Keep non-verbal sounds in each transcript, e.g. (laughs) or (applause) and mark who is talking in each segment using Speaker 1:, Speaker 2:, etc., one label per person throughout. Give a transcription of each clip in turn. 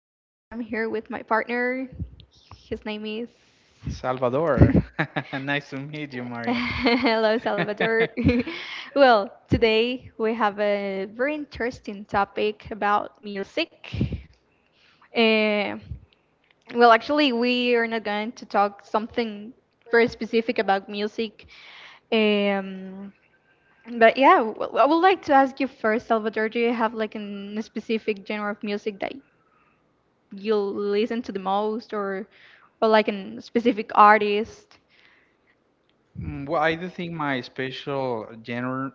Speaker 1: and I'm here with my partner. His name is.
Speaker 2: Salvador. (laughs)
Speaker 1: (laughs)
Speaker 2: Nice to meet you, Maria.
Speaker 1: Hello,
Speaker 2: (laughs)
Speaker 1: Salvador. (laughs) Well, today we have a very interesting topic about music. Uh, well, actually, we are not going to talk something very specific about music. Um, but yeah, I would like to ask you first, Salvador, do you have like a specific genre of music that you listen to the most or like an specific artist?
Speaker 2: Well, I do think my special genre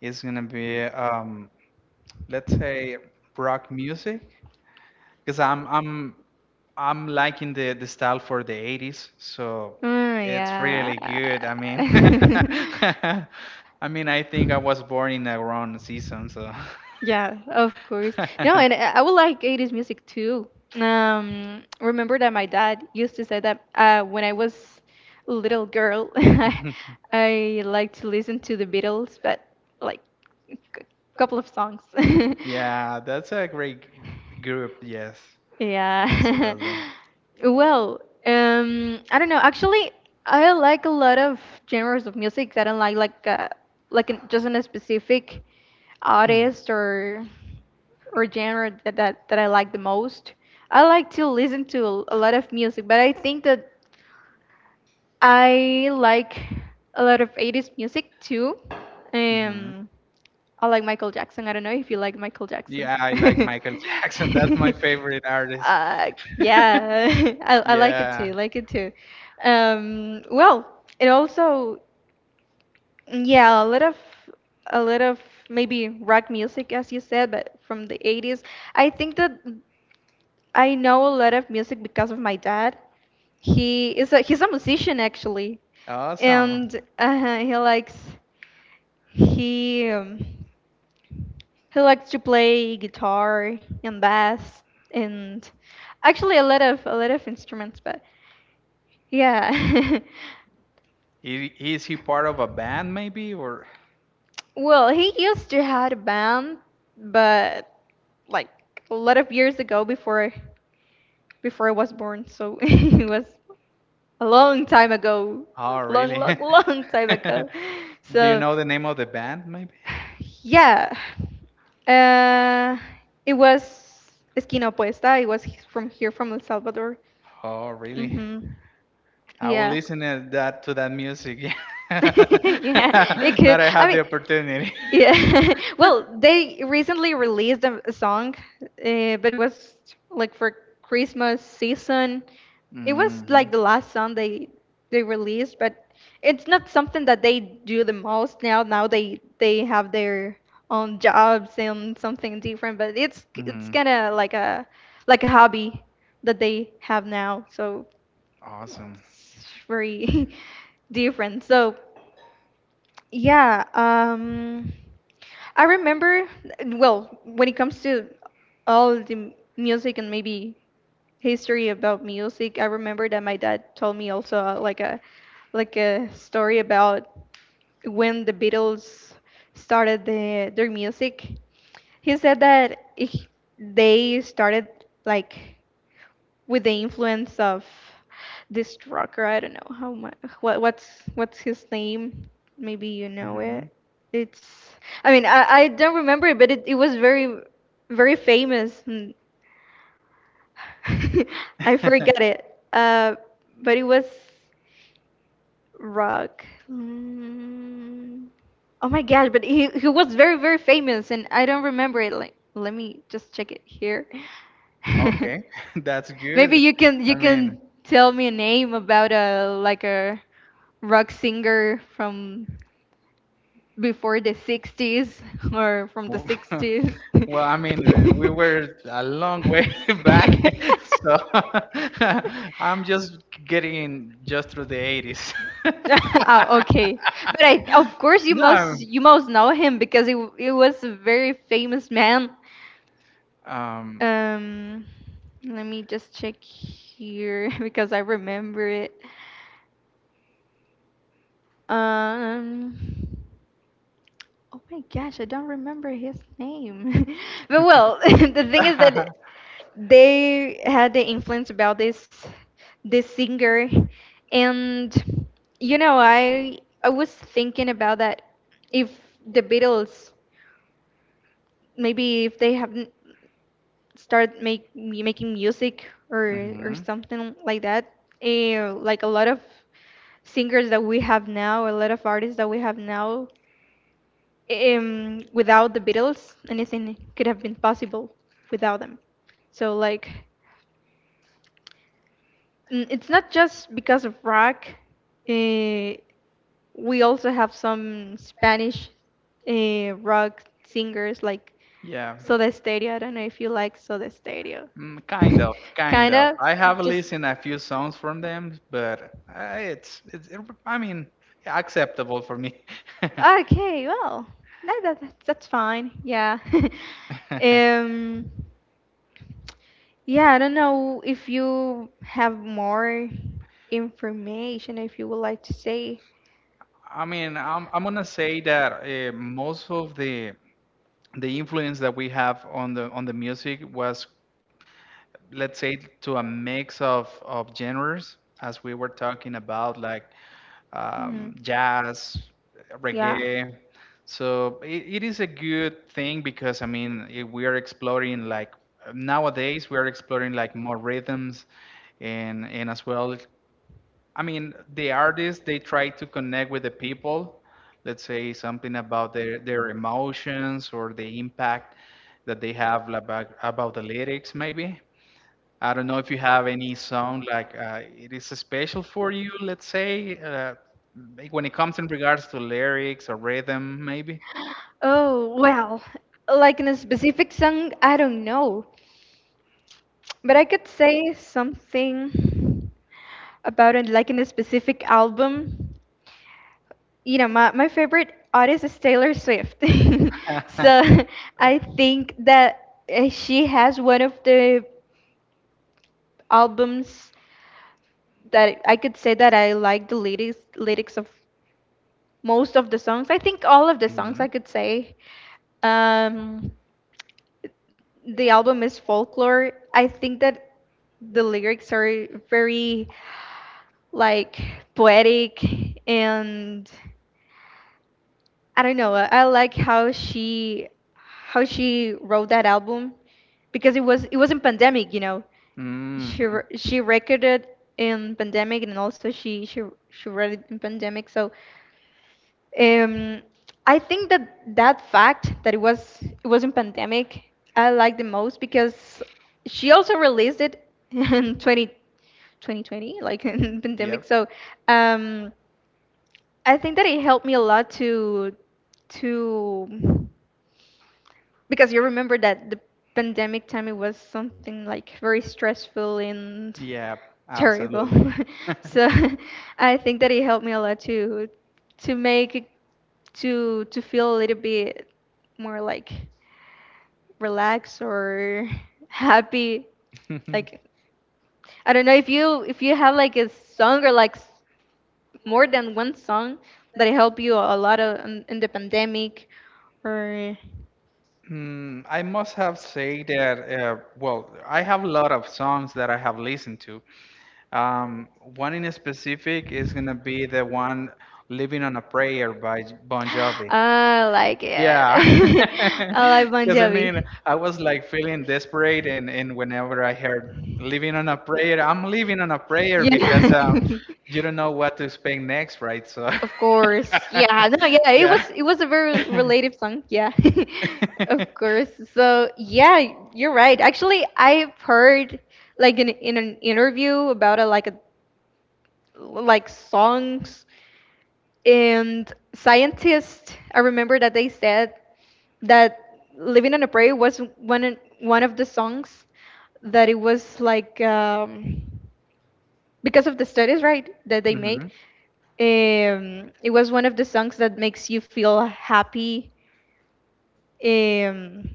Speaker 2: is gonna be, let's say, rock music, because I'm liking the style for the 80s, so
Speaker 1: Oh,
Speaker 2: it's
Speaker 1: yeah.
Speaker 2: really good.
Speaker 1: (laughs)
Speaker 2: (laughs) I mean, I think I was born in a wrong season, so.
Speaker 1: Yeah, of course.
Speaker 2: (laughs)
Speaker 1: No, and I would like 80s music too. Remember that my dad used to say that when I was a little girl, (laughs) I liked to listen to the Beatles, but like c- couple of songs. (laughs)
Speaker 2: Yeah, that's a great group. Yes,
Speaker 1: Yeah.
Speaker 2: absolutely.
Speaker 1: (laughs) Well, I don't know. Actually, I like a lot of genres of music. I don't like just a specific artist or genre that I like the most. I like to listen to a lot of music, but I think that I like a lot of 80s music too.
Speaker 2: (clears throat)
Speaker 1: Um, I like Michael Jackson. I don't know if you like Michael Jackson.
Speaker 2: Yeah, I
Speaker 1: (laughs)
Speaker 2: like Michael (laughs) Jackson. That's my favorite artist.
Speaker 1: uh,
Speaker 2: (laughs)
Speaker 1: yeah, (laughs) I like it
Speaker 2: Yeah,
Speaker 1: too. Like it too. Well, it also, yeah, a lot of maybe rock music, as you said, but from the 80s. I think that I know a lot of music because of my dad. He's a musician actually,
Speaker 2: awesome.
Speaker 1: and he likes he. He likes to play guitar and bass and actually a lot of instruments, but yeah. (laughs)
Speaker 2: Is he part of a band maybe or?
Speaker 1: Well, he used to had a band, but like a lot of years ago before I was born, so (laughs) it was a long time ago.
Speaker 2: Oh,
Speaker 1: Long,
Speaker 2: really?
Speaker 1: long, long time ago.
Speaker 2: (laughs) Do you
Speaker 1: So,
Speaker 2: know the name of the band maybe?
Speaker 1: yeah. Uh, it was Esquina Opuesta. It was from here, from El Salvador.
Speaker 2: Oh, really?
Speaker 1: Hmm.
Speaker 2: I will
Speaker 1: Yeah.
Speaker 2: listen to that music. (laughs) Yeah.
Speaker 1: (laughs) Yeah, it
Speaker 2: (laughs) Now
Speaker 1: could.
Speaker 2: I
Speaker 1: I
Speaker 2: have
Speaker 1: mean,
Speaker 2: the opportunity.
Speaker 1: yeah. (laughs) Well, they recently released a song, uh, but it was like for Christmas season.
Speaker 2: (laughs)
Speaker 1: It was
Speaker 2: hmm
Speaker 1: like the last song they released, but it's not something that they do the most now. Now they have their own jobs and something different, but it's
Speaker 2: hmm
Speaker 1: it's kind of like a hobby that they have now. So
Speaker 2: Awesome.
Speaker 1: it's very (laughs) different. So yeah, I remember. Well, when it comes to all the music and maybe history about music, I remember that my dad told me also like a story about when the Beatles started their music. He said that they started like with the influence of this rocker. I don't know how much. What's his name? Maybe you know it.
Speaker 2: Mhm.
Speaker 1: It's. I mean, I don't remember it, but it was very very famous. (laughs) I forgot
Speaker 2: (laughs)
Speaker 1: it. Uh, but it was rock. Mm. Oh my gosh, but he was very very famous, and I don't remember it. Like, let me just check it here. (laughs)
Speaker 2: Okay, (laughs) that's
Speaker 1: Maybe
Speaker 2: good.
Speaker 1: you can
Speaker 2: I
Speaker 1: you
Speaker 2: mean,
Speaker 1: can tell me a name about a rock singer from before the 60s or from the
Speaker 2: w- (laughs)
Speaker 1: 60s.
Speaker 2: well, we were a long way (laughs) back, (laughs) so (laughs) I'm
Speaker 1: (laughs)
Speaker 2: just getting in just through the 80s. (laughs)
Speaker 1: (laughs) Oh, okay. But of course, you
Speaker 2: No,
Speaker 1: must you must know him because he was a very famous man.
Speaker 2: um,
Speaker 1: Um, Let me just check here (laughs) because I remember it. Um, oh my gosh, I don't remember his name. (laughs) But well, (laughs) the thing is that
Speaker 2: (laughs)
Speaker 1: they had the influence about this singer, and you know i I was thinking about that. If the Beatles maybe, if they haven't started making music or
Speaker 2: mhm,
Speaker 1: something like that, like a lot of singers that we have now, a lot of artists that we have now, without the Beatles, anything could have been possible without them, so like. It's not just because of rock. Uh, we also have some Spanish rock singers like
Speaker 2: yeah.
Speaker 1: Soda Stereo. I don't know if you like Soda Stereo.
Speaker 2: Kind
Speaker 1: (laughs)
Speaker 2: of, kind
Speaker 1: Kind
Speaker 2: of.
Speaker 1: of
Speaker 2: I have
Speaker 1: just.
Speaker 2: listened a few songs from them, but it's I mean, yeah, acceptable for me. (laughs)
Speaker 1: Okay, well, that's fine. Yeah. (laughs) Um, yeah, I don't know if you have more information if you would like to say.
Speaker 2: I mean, I'm gonna say that most of the influence that we have on the music was let's say to a mix of genres as we were talking about like
Speaker 1: Mhm.
Speaker 2: jazz,
Speaker 1: Yeah.
Speaker 2: reggae. So it is a good thing because I mean we are exploring, like nowadays we are exploring like more rhythms and as well. I mean, the artists, they try to connect with the people. Let's say something about their emotions or the impact that they have about the lyrics maybe. I don't know if you have any song like it is special for you, let's say, like when it comes in regards to lyrics or rhythm, maybe.
Speaker 1: Oh, well, like in a specific song, I don't know. But I could say something about it, like in a specific album. My favorite artist is Taylor Swift. (laughs) So
Speaker 2: (laughs)
Speaker 1: (laughs) I think that she has one of the albums that I could say that I like the lyrics of most of the songs. I think all of the songs
Speaker 2: Mhm.
Speaker 1: I could say. Um, the album is Folklore. I think that the lyrics are very like poetic, and I don't know. I like how she wrote that album because it was in pandemic.
Speaker 2: Mhm.
Speaker 1: She recorded in pandemic, and also she wrote it in pandemic. So um, I think that that fact that it was in pandemic I like the most because she also released it (laughs) in 2020, like (laughs) in pandemic. So um, I think that it helped me a lot to because you remember that the pandemic time, it was something like very stressful and
Speaker 2: Yep.
Speaker 1: terrible.
Speaker 2: Absolutely.
Speaker 1: (laughs) So (laughs) I think that it helped me a lot to make it to feel a little bit more like relaxed or (laughs) happy. Like,
Speaker 2: (laughs)
Speaker 1: I don't know if you have like a song or more than one song that help you a lot in the pandemic or
Speaker 2: I must have say that, well, I have a lot of songs that I have listened to. Um, One in specific is gonna be the one "Living on a Prayer" by
Speaker 1: (gasps)
Speaker 2: Bon Jovi.
Speaker 1: I like
Speaker 2: Yeah,
Speaker 1: it. (laughs) I like
Speaker 2: (laughs) because I mean,
Speaker 1: Punjabi.
Speaker 2: I was like feeling desperate, and whenever I heard "Living on a Prayer," I'm living on a prayer
Speaker 1: Yeah. (laughs)
Speaker 2: because
Speaker 1: You don't.
Speaker 2: you don't know what to expect next, right? So,
Speaker 1: Of course. Yeah. No, yeah,
Speaker 2: (laughs)
Speaker 1: it
Speaker 2: yeah.
Speaker 1: was it was a very
Speaker 2: (laughs)
Speaker 1: relative song. Yeah. (laughs) Of course. So, yeah, you're right. Actually, I've heard like in an interview about a like songs and scientists. I remember that they said that Living on a Prayer was one of the songs that it was like, because of the studies, right, that they made.
Speaker 2: Mhm.
Speaker 1: It was one of the songs that makes you feel happy. um,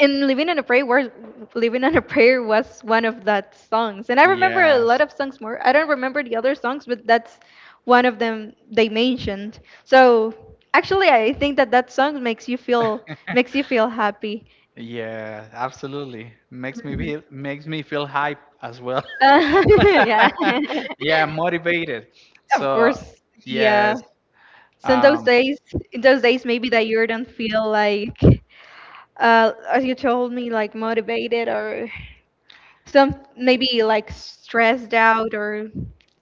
Speaker 1: and living on a prayer was living on a prayer was one of that songs, and I remember a
Speaker 2: Yes.
Speaker 1: lot of songs more. I don't remember the other songs, but that's one of them they mentioned. So actually, I think that that song makes you feel
Speaker 2: (laughs)
Speaker 1: happy.
Speaker 2: Yeah, absolutely.
Speaker 1: Mhm.
Speaker 2: Makes me feel hype as well.
Speaker 1: Uh, (laughs) yeah,
Speaker 2: (laughs) Yeah, motivated.
Speaker 1: of
Speaker 2: So,
Speaker 1: course, yeah.
Speaker 2: yes.
Speaker 1: So in those
Speaker 2: Um,
Speaker 1: days in those days maybe that you don't feel like, as you told me, like motivated or some, maybe, like stressed out, or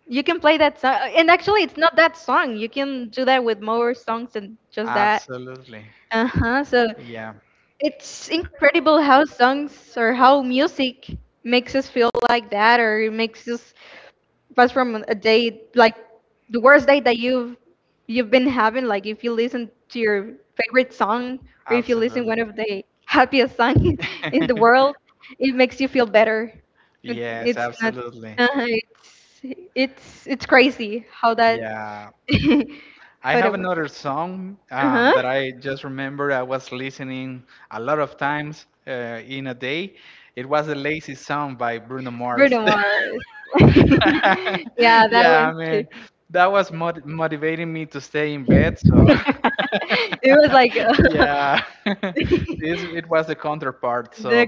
Speaker 1: you can play that song. And actually, it's not that song, you can do that with more songs than just that.
Speaker 2: Absolutely.
Speaker 1: Uh-huh. So
Speaker 2: Yeah.
Speaker 1: it's incredible how songs or how music makes us feel like that, or it makes us, but from a day, like the worst day that you've been having, like if you listen to your favorite song or if you listen
Speaker 2: Absolutely.
Speaker 1: one of the happiest song (laughs) in the
Speaker 2: (laughs)
Speaker 1: world, it makes you feel better. It,
Speaker 2: Yes,
Speaker 1: it's not.
Speaker 2: absolutely.
Speaker 1: Uh, it's it's crazy how that
Speaker 2: Yeah,
Speaker 1: (laughs)
Speaker 2: I
Speaker 1: how
Speaker 2: have
Speaker 1: that works.
Speaker 2: another song
Speaker 1: Uh huh.
Speaker 2: that I just remember I was listening a lot of times in a day. It was the Lazy Song by Bruno Mars.
Speaker 1: Bruno Mars. (laughs) Yeah,
Speaker 2: (laughs)
Speaker 1: that
Speaker 2: Yeah,
Speaker 1: one
Speaker 2: I
Speaker 1: too.
Speaker 2: mean, that was motivating me to stay in bed. So (laughs)
Speaker 1: (laughs) It was like,
Speaker 2: yeah, (laughs) it was the counterpart.
Speaker 1: (laughs) the.
Speaker 2: So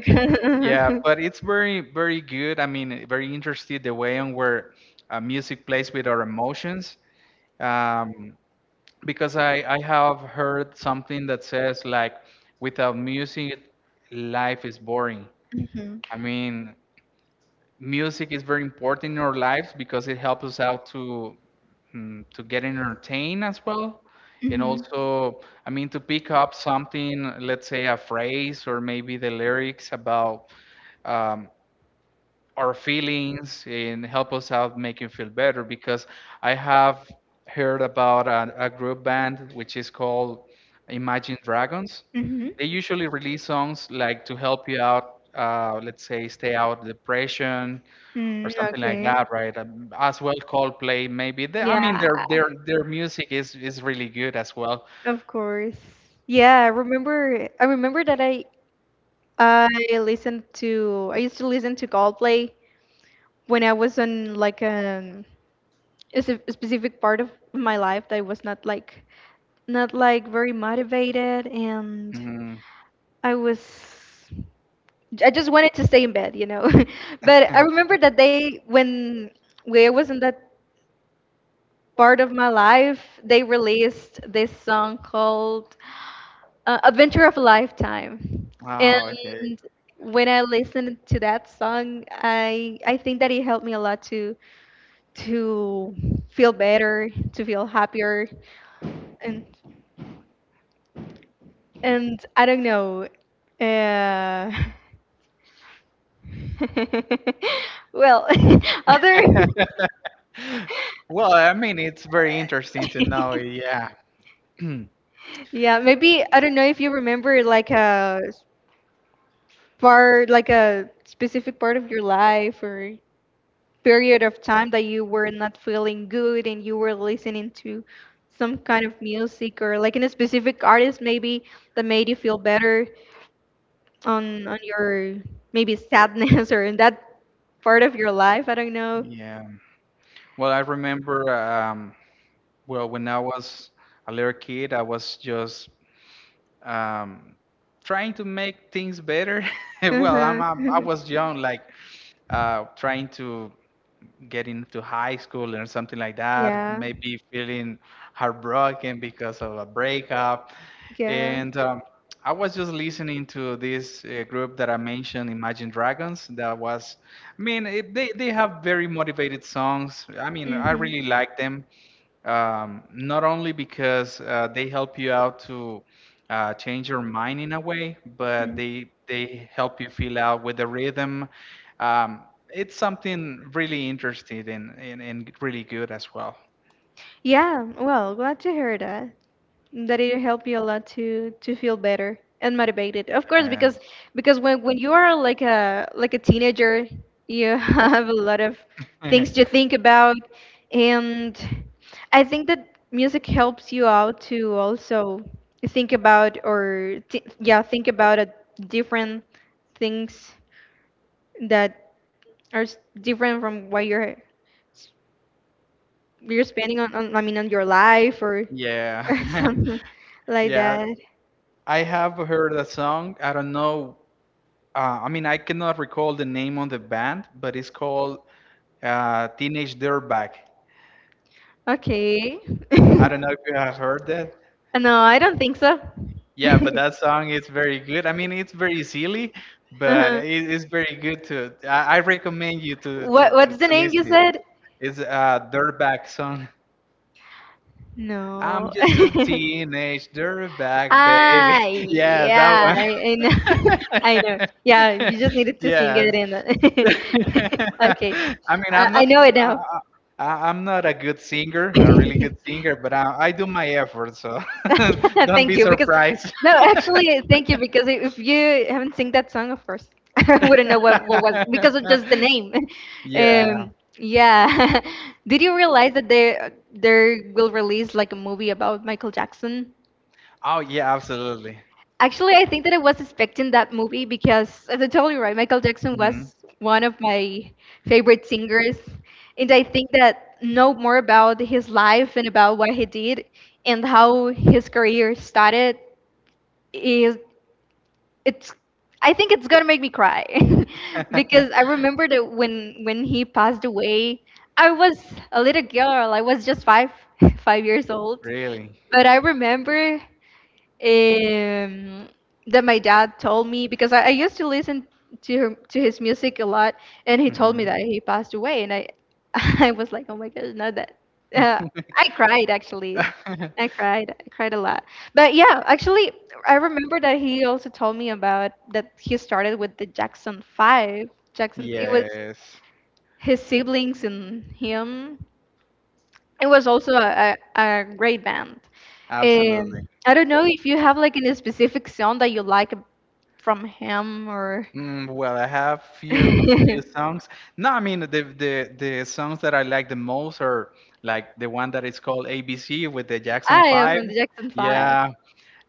Speaker 2: yeah, but it's very, very good. I mean, very interesting the way in where music plays with our emotions. um, because I have heard something that says like without music life is boring.
Speaker 1: Mhm,
Speaker 2: I mean, music is very important in our lives because it helps us out to to get entertained as well, and
Speaker 1: mhm.
Speaker 2: also I mean to pick up something, let's say a phrase or maybe the lyrics about um, our feelings, and help us out make you feel better. Because I have heard about a group band which is called Imagine Dragons.
Speaker 1: Mhm.
Speaker 2: They usually release songs like to help you out, let's say, stay out of depression or
Speaker 1: Mm,
Speaker 2: something like
Speaker 1: okay.
Speaker 2: that, right? As well, Coldplay maybe. I mean,
Speaker 1: Yeah,
Speaker 2: their music is really good as well.
Speaker 1: of course. Yeah, I remember that I I used to listen to Coldplay when I was on like a specific part of my life that I was not like very motivated, and
Speaker 2: Mm.
Speaker 1: I was I just wanted to stay in bed. (laughs) But I
Speaker 2: (laughs)
Speaker 1: remember that they, when I was in that part of my life, they released this song called Adventure of a Lifetime.
Speaker 2: Oh, okay.
Speaker 1: And when I listened to that song, I think that it helped me a lot to feel better, to feel happier, and and I don't know. Uh, (laughs) well, (laughs) other
Speaker 2: (laughs) Well, I mean, it's very interesting to know.
Speaker 1: (laughs)
Speaker 2: Yeah. (clears throat)
Speaker 1: yeah, maybe I don't know if you remember like a specific part of your life or. Period of time that you were not feeling good, and you were listening to some kind of music or like in a specific artist maybe that made you feel better on your maybe sadness (laughs) or in that part of your life. I don't know.
Speaker 2: Yeah. Well, I remember, well, when I was a little kid, I was just um, trying to make things better. (laughs) Well,
Speaker 1: Uh-huh.
Speaker 2: I'm, I
Speaker 1: (laughs)
Speaker 2: was young, like trying to getting to high school or something like that,
Speaker 1: Yeah,
Speaker 2: maybe feeling heartbroken because of a breakup.
Speaker 1: yeah.
Speaker 2: And I was just listening to this group that I mentioned, Imagine Dragons. That was, I mean, they have very motivated songs. I mean, I
Speaker 1: Hmm.
Speaker 2: really like them, not only because they help you out to change your mind in a way, but they help you feel out with the rhythm. Um, it's something really interesting and really good as well.
Speaker 1: Yeah, well, glad to hear that. That it helped you a lot to feel better and motivated. Of course, because when you are like a teenager, you (laughs) have a lot of
Speaker 2: Yes.
Speaker 1: things
Speaker 2: (laughs)
Speaker 1: to think about, and I think that music helps you out to also think about, or think about a different things that are different from what s- you're spending on, I mean, on your life or (laughs)
Speaker 2: Yeah.
Speaker 1: or
Speaker 2: (laughs)
Speaker 1: something like
Speaker 2: Yeah.
Speaker 1: that.
Speaker 2: I have heard that song. I don't know. I mean, I cannot recall the name of the band, but it's called Teenage Dirtbag.
Speaker 1: Okay. (laughs)
Speaker 2: I don't know if you have heard that.
Speaker 1: No, I don't think so. (laughs)
Speaker 2: Yeah, but that song is very good. I mean, it's very silly, but
Speaker 1: Uh-huh.
Speaker 2: it is very good to. I recommend you
Speaker 1: What What's the
Speaker 2: to
Speaker 1: name you
Speaker 2: listen it.
Speaker 1: said?
Speaker 2: It's a dirtbag song. I'm
Speaker 1: No.
Speaker 2: just a
Speaker 1: (laughs)
Speaker 2: teenage dirtbag, baby.
Speaker 1: Ah,
Speaker 2: (laughs) Yeah, that
Speaker 1: yeah,
Speaker 2: one.
Speaker 1: I know. (laughs) I know.
Speaker 2: (laughs)
Speaker 1: Yeah, you just needed to sing it
Speaker 2: Yes.
Speaker 1: in.
Speaker 2: (laughs)
Speaker 1: (laughs) Okay,
Speaker 2: I mean,
Speaker 1: I
Speaker 2: I'm
Speaker 1: I
Speaker 2: not,
Speaker 1: know it now.
Speaker 2: I, I'm not a good singer, a really good singer,
Speaker 1: (laughs)
Speaker 2: but I do my effort, so (laughs)
Speaker 1: (laughs)
Speaker 2: don't
Speaker 1: Thank
Speaker 2: be
Speaker 1: you, because
Speaker 2: surprised.
Speaker 1: no, actually, thank you, because if you haven't sing that song, of course, (laughs) I wouldn't know what was, because of just the
Speaker 2: (laughs)
Speaker 1: name. (laughs)
Speaker 2: Yeah.
Speaker 1: Yeah. (laughs) Did you realize that they will release like a movie about Michael Jackson?
Speaker 2: Oh, yeah, absolutely.
Speaker 1: Actually, I think that I was expecting that movie because, as I told you, right, Michael Jackson
Speaker 2: hmm
Speaker 1: was one of my favorite singers. And I think that know more about his life and about what he did and how his career started is it's I think it's gonna make me cry (laughs) because I remember
Speaker 2: (laughs)
Speaker 1: that when he passed away, I was a little girl. I was just five (laughs) 5 years old,
Speaker 2: Really?
Speaker 1: but I remember um, that my dad told me, because I used to listen to his music a lot, and he told me
Speaker 2: Mhm.
Speaker 1: that he passed away, and I (laughs) I was like, oh my gosh, not that. Uh, I cried actually. I cried.
Speaker 2: (laughs)
Speaker 1: I cried a lot. But yeah, actually, I remember that he also told me about that he started with the Jackson Five. Jackson, it was
Speaker 2: Yes,
Speaker 1: his siblings and him. It was also a great band.
Speaker 2: absolutely.
Speaker 1: I don't know if you have like any specific song that you like from him, or.
Speaker 2: Well, I have
Speaker 1: (laughs) Ah,
Speaker 2: few songs. No, I mean the songs that I like the most are like the one that is called ABC with the Jackson
Speaker 1: yeah,
Speaker 2: Five.
Speaker 1: from the Jackson Five.
Speaker 2: Yeah.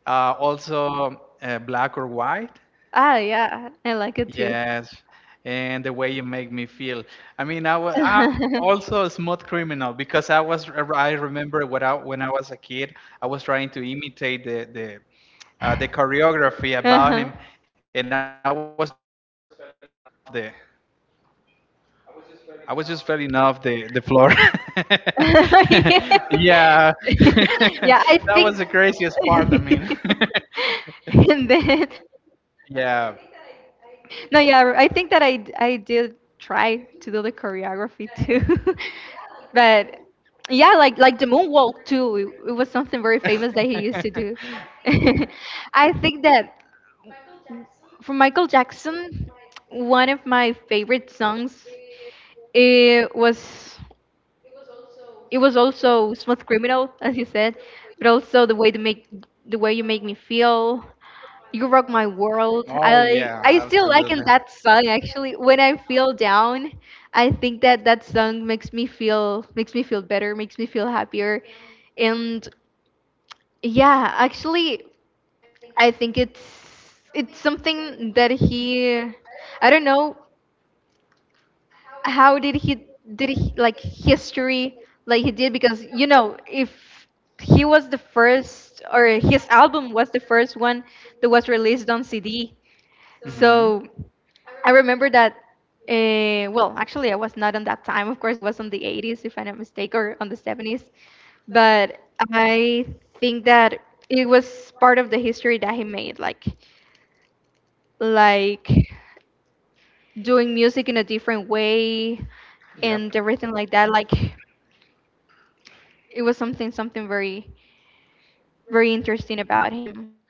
Speaker 2: Also Black or White.
Speaker 1: Ah, yeah, I like it too.
Speaker 2: Yes. And The Way You Make Me Feel. I mean,
Speaker 1: (laughs)
Speaker 2: also a Smooth Criminal, because I remember when I was a kid, I was trying to imitate the the choreography about
Speaker 1: Uh-huh.
Speaker 2: him, and I was just fell in off the floor.
Speaker 1: (laughs)
Speaker 2: (laughs)
Speaker 1: Yeah,
Speaker 2: Yeah, (laughs) that was the
Speaker 1: I
Speaker 2: craziest part. I mean,
Speaker 1: think. (laughs) And then no,
Speaker 2: (laughs)
Speaker 1: yeah,
Speaker 2: yeah.
Speaker 1: I think that I did try to do the choreography too, (laughs) but yeah, like the moonwalk too. It was something very famous that he used to do. (laughs) I think that for Michael Jackson, one of my favorite songs it was. it was also Smooth Criminal, as you said, but also The Way You Make Me Feel, You Rock My World.
Speaker 2: Oh
Speaker 1: i
Speaker 2: yeah,
Speaker 1: i still liking
Speaker 2: absolutely.
Speaker 1: that song. Actually, when I feel down, I think that that song makes me feel better, makes me feel happier. And yeah, actually, I think it's something that he, I don't know how did he like history like he did, because if he was the first, or his album was the first one that was released on CD.
Speaker 2: hmm
Speaker 1: So I remember that well, actually, I was not on that time. Of course, it was on the 80s, if I'm not mistaken, or on the 70s, but I think that it was part of the history that he made, like doing music in a different way
Speaker 2: Yep.
Speaker 1: and everything like that. Like it was something very very interesting about him.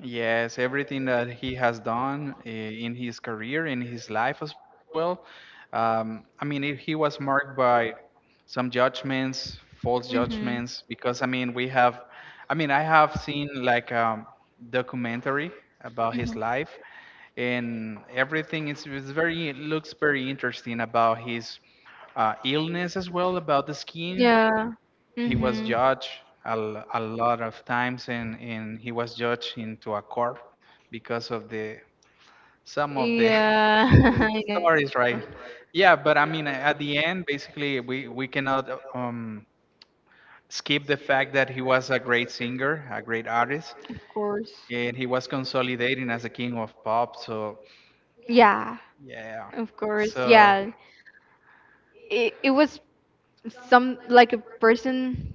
Speaker 2: Yes, everything that he has done in his career, in his life as well. I mean, he was marked by some judgments, false
Speaker 1: Hmm,
Speaker 2: judgments, because I mean, I have seen like documentary about
Speaker 1: hmm.
Speaker 2: his life and everything. Is It's very, it looks very interesting about his illness as well, about the skin.
Speaker 1: Yeah.
Speaker 2: He was
Speaker 1: Hmm,
Speaker 2: judged a lot of times, and he was judged into a court because of the some of the
Speaker 1: yeah.
Speaker 2: (laughs)
Speaker 1: (laughs) Yeah,
Speaker 2: stories, right? Yeah, but I mean, at the end, basically, we cannot skip the fact that he was a great singer, a great artist,
Speaker 1: of course.
Speaker 2: and he was consolidating as a king of pop. So
Speaker 1: Yeah,
Speaker 2: yeah,
Speaker 1: of course.
Speaker 2: so
Speaker 1: Yeah, it was some like a person,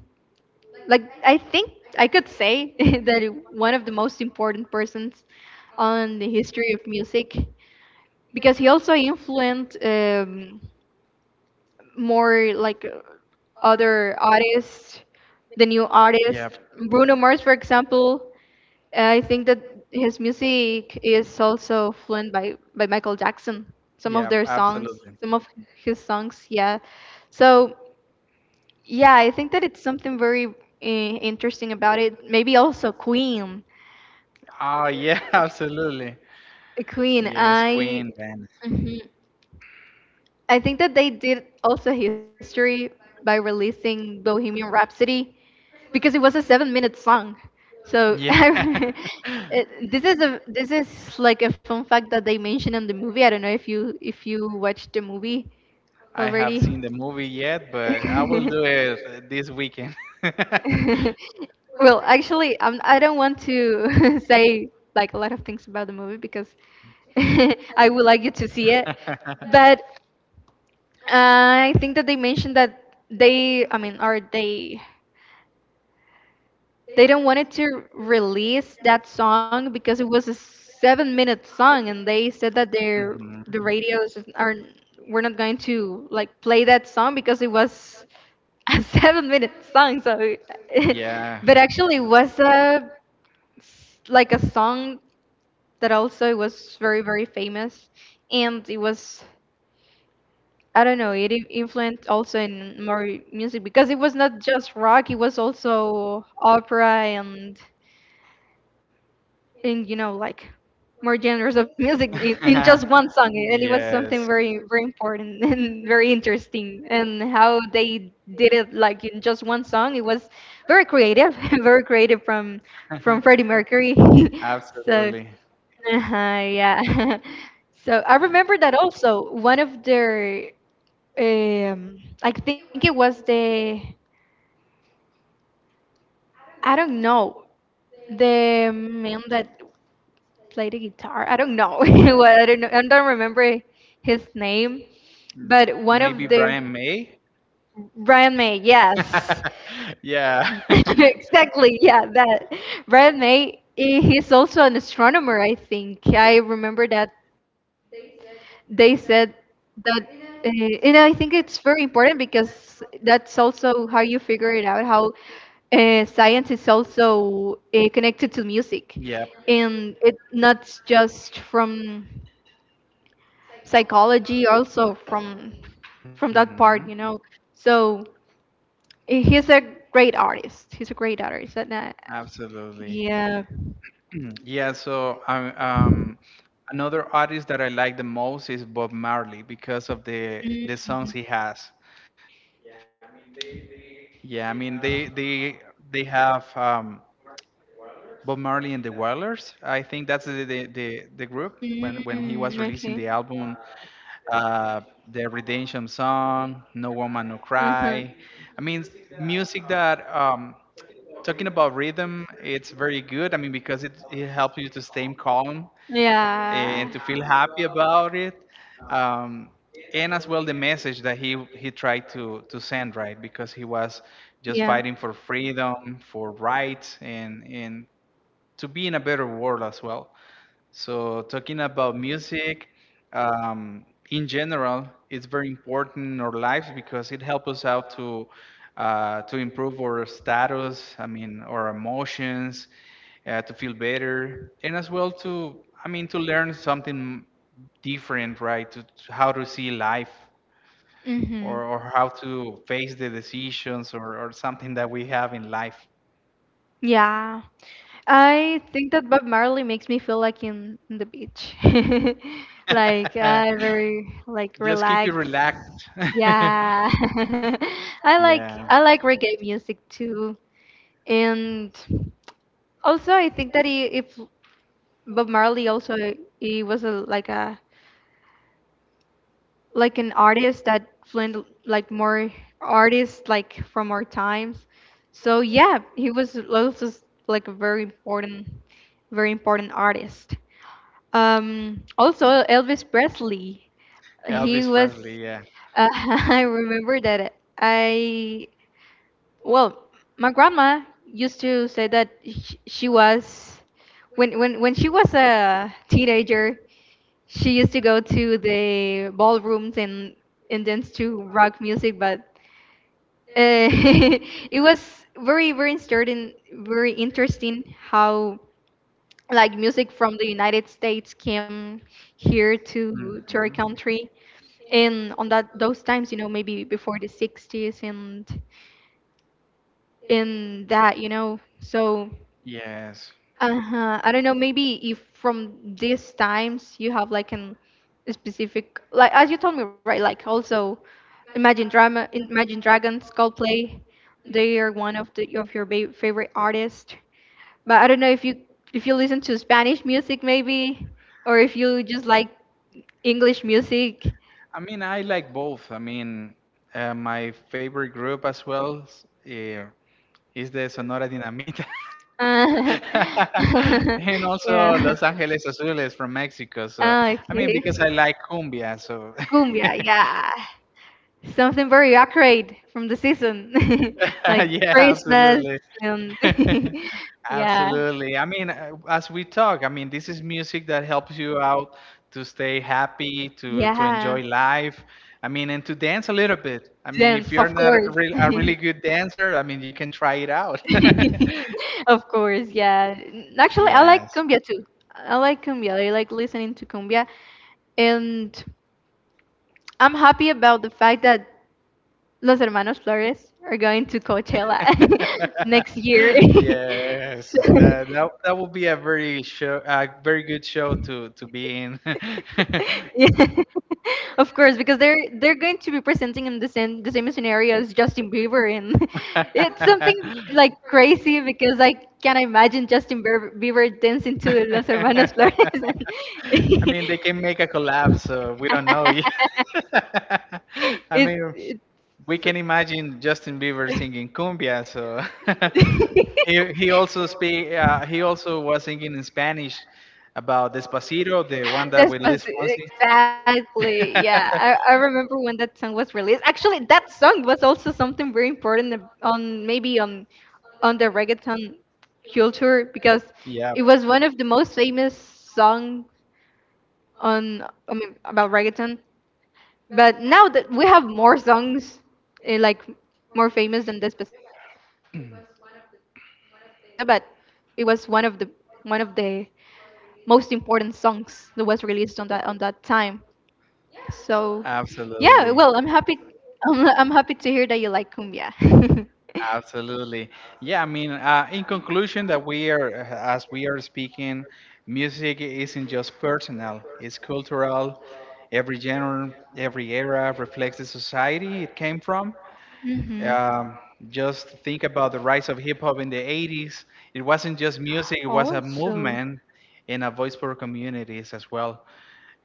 Speaker 1: like I think I could say (laughs) that one of the most important persons on the history of music, because he also influenced, more like, other artists, the new artists.
Speaker 2: yeah
Speaker 1: Bruno Mars, for example, I think that his music is also influenced by Michael Jackson. Some of
Speaker 2: yeah,
Speaker 1: their songs,
Speaker 2: absolutely.
Speaker 1: some of his songs, yeah. So, yeah, I think that it's something very interesting about it. Maybe also Queen.
Speaker 2: Oh yeah, (laughs) absolutely.
Speaker 1: Queen,
Speaker 2: Yes,
Speaker 1: I—
Speaker 2: Queen Van.
Speaker 1: Mhm. I think that they did also history by releasing Bohemian Rhapsody, because it was a 7-minute song. So (laughs)
Speaker 2: Yeah.
Speaker 1: I,
Speaker 2: (laughs)
Speaker 1: it, this is a this is like a fun fact that they mention in the movie. I don't know if you watched the movie
Speaker 2: I
Speaker 1: already.
Speaker 2: have seen the movie yet, but I will do it
Speaker 1: (laughs)
Speaker 2: this weekend. (laughs)
Speaker 1: Well, actually, I don't want to (laughs) say like a lot of things about the movie, because (laughs) I would like you to see it. But uh, I think that they mentioned that they, I mean, or they don't wanted to release that song, because it was a 7-minute song, and they said that their
Speaker 2: Mhm.
Speaker 1: the radios are we're not going to like play that song, because it was a (laughs) 7-minute song. So,
Speaker 2: Yeah,
Speaker 1: (laughs) but actually, it was like a song that also was very very famous, and it was, I don't know, it influenced also in more music, because it was not just rock; it was also opera and in, like, more genres of music in just one song,
Speaker 2: (laughs)
Speaker 1: and it was something
Speaker 2: yes.
Speaker 1: very very important (laughs) and very interesting, and how they did it, like, in just one song. It was very creative, (laughs) very creative, from
Speaker 2: (laughs)
Speaker 1: from Freddie Mercury. (laughs) So,
Speaker 2: Absolutely.
Speaker 1: yeah. (laughs) So I remember that also one of their, um I think it was the, I don't know, the man that play the guitar. I don't know. (laughs) Well, I don't know. I don't remember his name,
Speaker 2: M-
Speaker 1: but
Speaker 2: Maybe
Speaker 1: one of
Speaker 2: Brian
Speaker 1: the—
Speaker 2: May?
Speaker 1: Brian May. Yes,
Speaker 2: (laughs) Yeah.
Speaker 1: (laughs) exactly. Yeah, that
Speaker 2: (laughs)
Speaker 1: Brian May. He's also an astronomer. I think I remember that they said that. And I think it's very important, because that's also how you figure it out how, science is also, connected to music,
Speaker 2: Yep.
Speaker 1: and it's not just from psychology, also from that
Speaker 2: hmm
Speaker 1: part, you know. So, he's a great artist, he's a great artist, and,
Speaker 2: Absolutely.
Speaker 1: yeah.
Speaker 2: Yeah, so another artist that I like the most is Bob Marley because of the songs
Speaker 1: Mhm.
Speaker 2: he has. Yeah, I mean they have Bob Marley and the Wailers. I think that's the group when he was releasing the
Speaker 1: Mm,
Speaker 2: album,
Speaker 1: okay.
Speaker 2: uh, the Redemption Song, No Woman No Cry.
Speaker 1: Uh-huh.
Speaker 2: I mean music that talking about rhythm, it's very good. I mean, because it helps you to stay calm and to
Speaker 1: Yeah.
Speaker 2: feel happy about it. um, and as well the message that he tried to send, right? Because he was
Speaker 1: Yeah.
Speaker 2: just fighting for freedom, for rights, and to be in a better world as well. So talking about music, um, in general, it's very important in our lives because it helps us out to improve our status. I mean, our emotions, to feel better, and as well to, I mean, to learn something different, right? To how to see life,
Speaker 1: Mhm.
Speaker 2: or how to face the decisions or something that we have in life.
Speaker 1: Yeah. I think that Bob Marley makes me feel like in the beach. (laughs) Like, I
Speaker 2: (laughs)
Speaker 1: very like
Speaker 2: Just keep you
Speaker 1: relaxed.
Speaker 2: relaxed. (laughs)
Speaker 1: Yeah. (laughs) I like I
Speaker 2: Yeah.
Speaker 1: like reggae music too. And also I think that, if Bob Marley also, he was a like an artist that influenced, like, more artists, like from our times. So yeah, he was also like a very important, very important artist. Also Elvis Presley, he
Speaker 2: Elvis
Speaker 1: was,
Speaker 2: Presley, yeah.
Speaker 1: (laughs) I remember that, I well my grandma used to say that, she was, when she was a teenager, she used to go to the ballrooms and dance to rock music, but, uh, (laughs) it was very very interesting, very interesting, how like music from the United States came here to our
Speaker 2: Mhm.
Speaker 1: country and on that those times, maybe before the 60s, and in that, so.
Speaker 2: Yes.
Speaker 1: Uh-huh. I don't know, maybe if from these times you have like an a specific, like as you told me, right? Like also Imagine Dragons, Coldplay, they are one of the of your ba favorite artists. But I don't know if you listen to Spanish music, maybe, or if you just like English music.
Speaker 2: I mean, I like both. I mean, my favorite group as well is the Sonora Dinamita.
Speaker 1: Uh,
Speaker 2: (laughs)
Speaker 1: (laughs)
Speaker 2: And also Los
Speaker 1: yeah.
Speaker 2: Angeles Azules from Mexico. So,
Speaker 1: Ah,
Speaker 2: I mean,
Speaker 1: okay.
Speaker 2: because I like cumbia, so (laughs)
Speaker 1: Cumbia, yeah. Something very accurate from the season, (laughs) like
Speaker 2: (laughs) yeah,
Speaker 1: Christmas,
Speaker 2: absolutely.
Speaker 1: and
Speaker 2: (laughs)
Speaker 1: (laughs) yeah.
Speaker 2: Absolutely. I mean, as we talk, I mean, this is music that helps you out to stay happy, to
Speaker 1: Yeah.
Speaker 2: enjoy life. I mean, and to dance a little bit. I mean, if
Speaker 1: Dance,
Speaker 2: you're
Speaker 1: of
Speaker 2: not a
Speaker 1: course.
Speaker 2: a really good dancer, I mean, you can try it out. (laughs)
Speaker 1: (laughs) Of course, yeah. Actually, I like
Speaker 2: Yes.
Speaker 1: cumbia too. I like cumbia. I like listening to cumbia, and I'm happy about the fact that Los Hermanos Flores are going to Coachella (laughs)
Speaker 2: (laughs)
Speaker 1: next year. (laughs)
Speaker 2: Yes,
Speaker 1: So-
Speaker 2: that will be a very show, a very good show to be
Speaker 1: (laughs)
Speaker 2: in.
Speaker 1: Yeah, (laughs) of course, because they're going to be presenting him the same scenario as Justin Bieber, and (laughs) it's something like crazy, because I can not imagine Justin Bieber dancing to
Speaker 2: (laughs)
Speaker 1: Los Hermanos Flores.
Speaker 2: (laughs) I mean, they can make a collab, so we don't know yet.
Speaker 1: (laughs)
Speaker 2: (laughs) I
Speaker 1: It's,
Speaker 2: mean,
Speaker 1: it's
Speaker 2: we can imagine Justin Bieber singing cumbia. So (laughs) he also speak he also was singing in Spanish
Speaker 1: (laughs)
Speaker 2: about Despacito, the one that with Liz Fonsi.
Speaker 1: Despacito, exactly.
Speaker 2: (laughs)
Speaker 1: Yeah, I remember when that song was released. Actually, that song was also something very important, on, maybe, on, the reggaeton culture, because
Speaker 2: Yeah,
Speaker 1: it was one of the most famous song, on I mean, about reggaeton. But now that we have more songs, like more famous than Despacito, but it was one of the most important songs that was released on that time. So, yeah, well, I'm
Speaker 2: absolutely.
Speaker 1: happy I'm, I'm happy to hear that you like cumbia. (laughs)
Speaker 2: Absolutely. Yeah, I mean, in conclusion, that we are, as we are speaking, music isn't just personal, it's cultural. Every genre, every era reflects the society it came from. Um,
Speaker 1: Mhm.
Speaker 2: just think about the rise of hip hop in the 80s. It wasn't just music, it was a movement
Speaker 1: Also.
Speaker 2: and a voice for communities as well.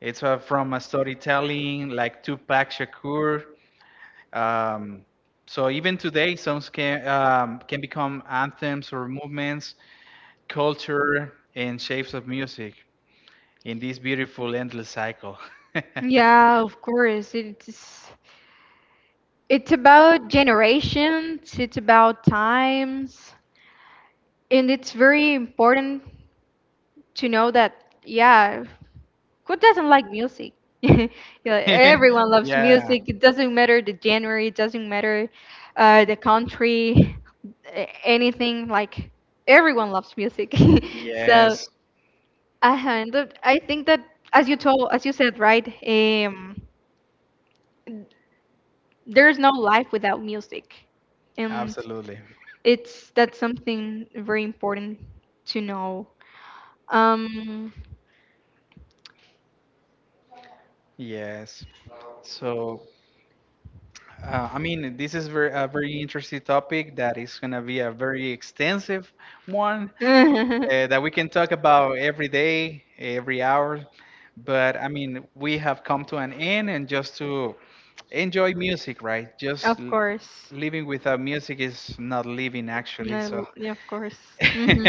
Speaker 2: It's from a storytelling like Tupac Shakur, um, so even today, songs can become anthems or movements, culture, and shapes of music in this beautiful endless cycle.
Speaker 1: Yeah, of
Speaker 2: (laughs)
Speaker 1: course. It's about generations, it's about times, and it's very important to know that, yeah. Who doesn't like music? (laughs) You know, everyone loves
Speaker 2: Yeah.
Speaker 1: music. It doesn't matter the genre, it doesn't matter, the country, anything. Like, everyone loves music. (laughs) So,
Speaker 2: Yes.
Speaker 1: and I think that, as you said, right, there's no life without music, and
Speaker 2: Absolutely.
Speaker 1: it's that's something very important to know. um
Speaker 2: Yes. So I mean, this is very, a very interesting topic that is going to be a very extensive one that we
Speaker 1: (laughs)
Speaker 2: can talk about every day, every hour. But I mean, we have come to an end, and just to enjoy music, right?
Speaker 1: Of
Speaker 2: Just
Speaker 1: course.
Speaker 2: living without music is not living, actually. So,
Speaker 1: No, yeah, of course.
Speaker 2: (laughs)
Speaker 1: Hmm.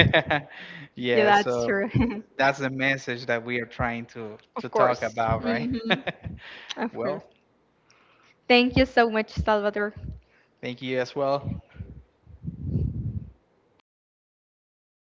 Speaker 1: Yeah,
Speaker 2: yeah,
Speaker 1: that's
Speaker 2: so
Speaker 1: true. (laughs)
Speaker 2: that's the message that we are trying to
Speaker 1: Of
Speaker 2: talk
Speaker 1: course.
Speaker 2: about, right?
Speaker 1: Hmm.
Speaker 2: (laughs)
Speaker 1: Of course.
Speaker 2: Well,
Speaker 1: Thank you so much, Salvador.
Speaker 2: thank you as well.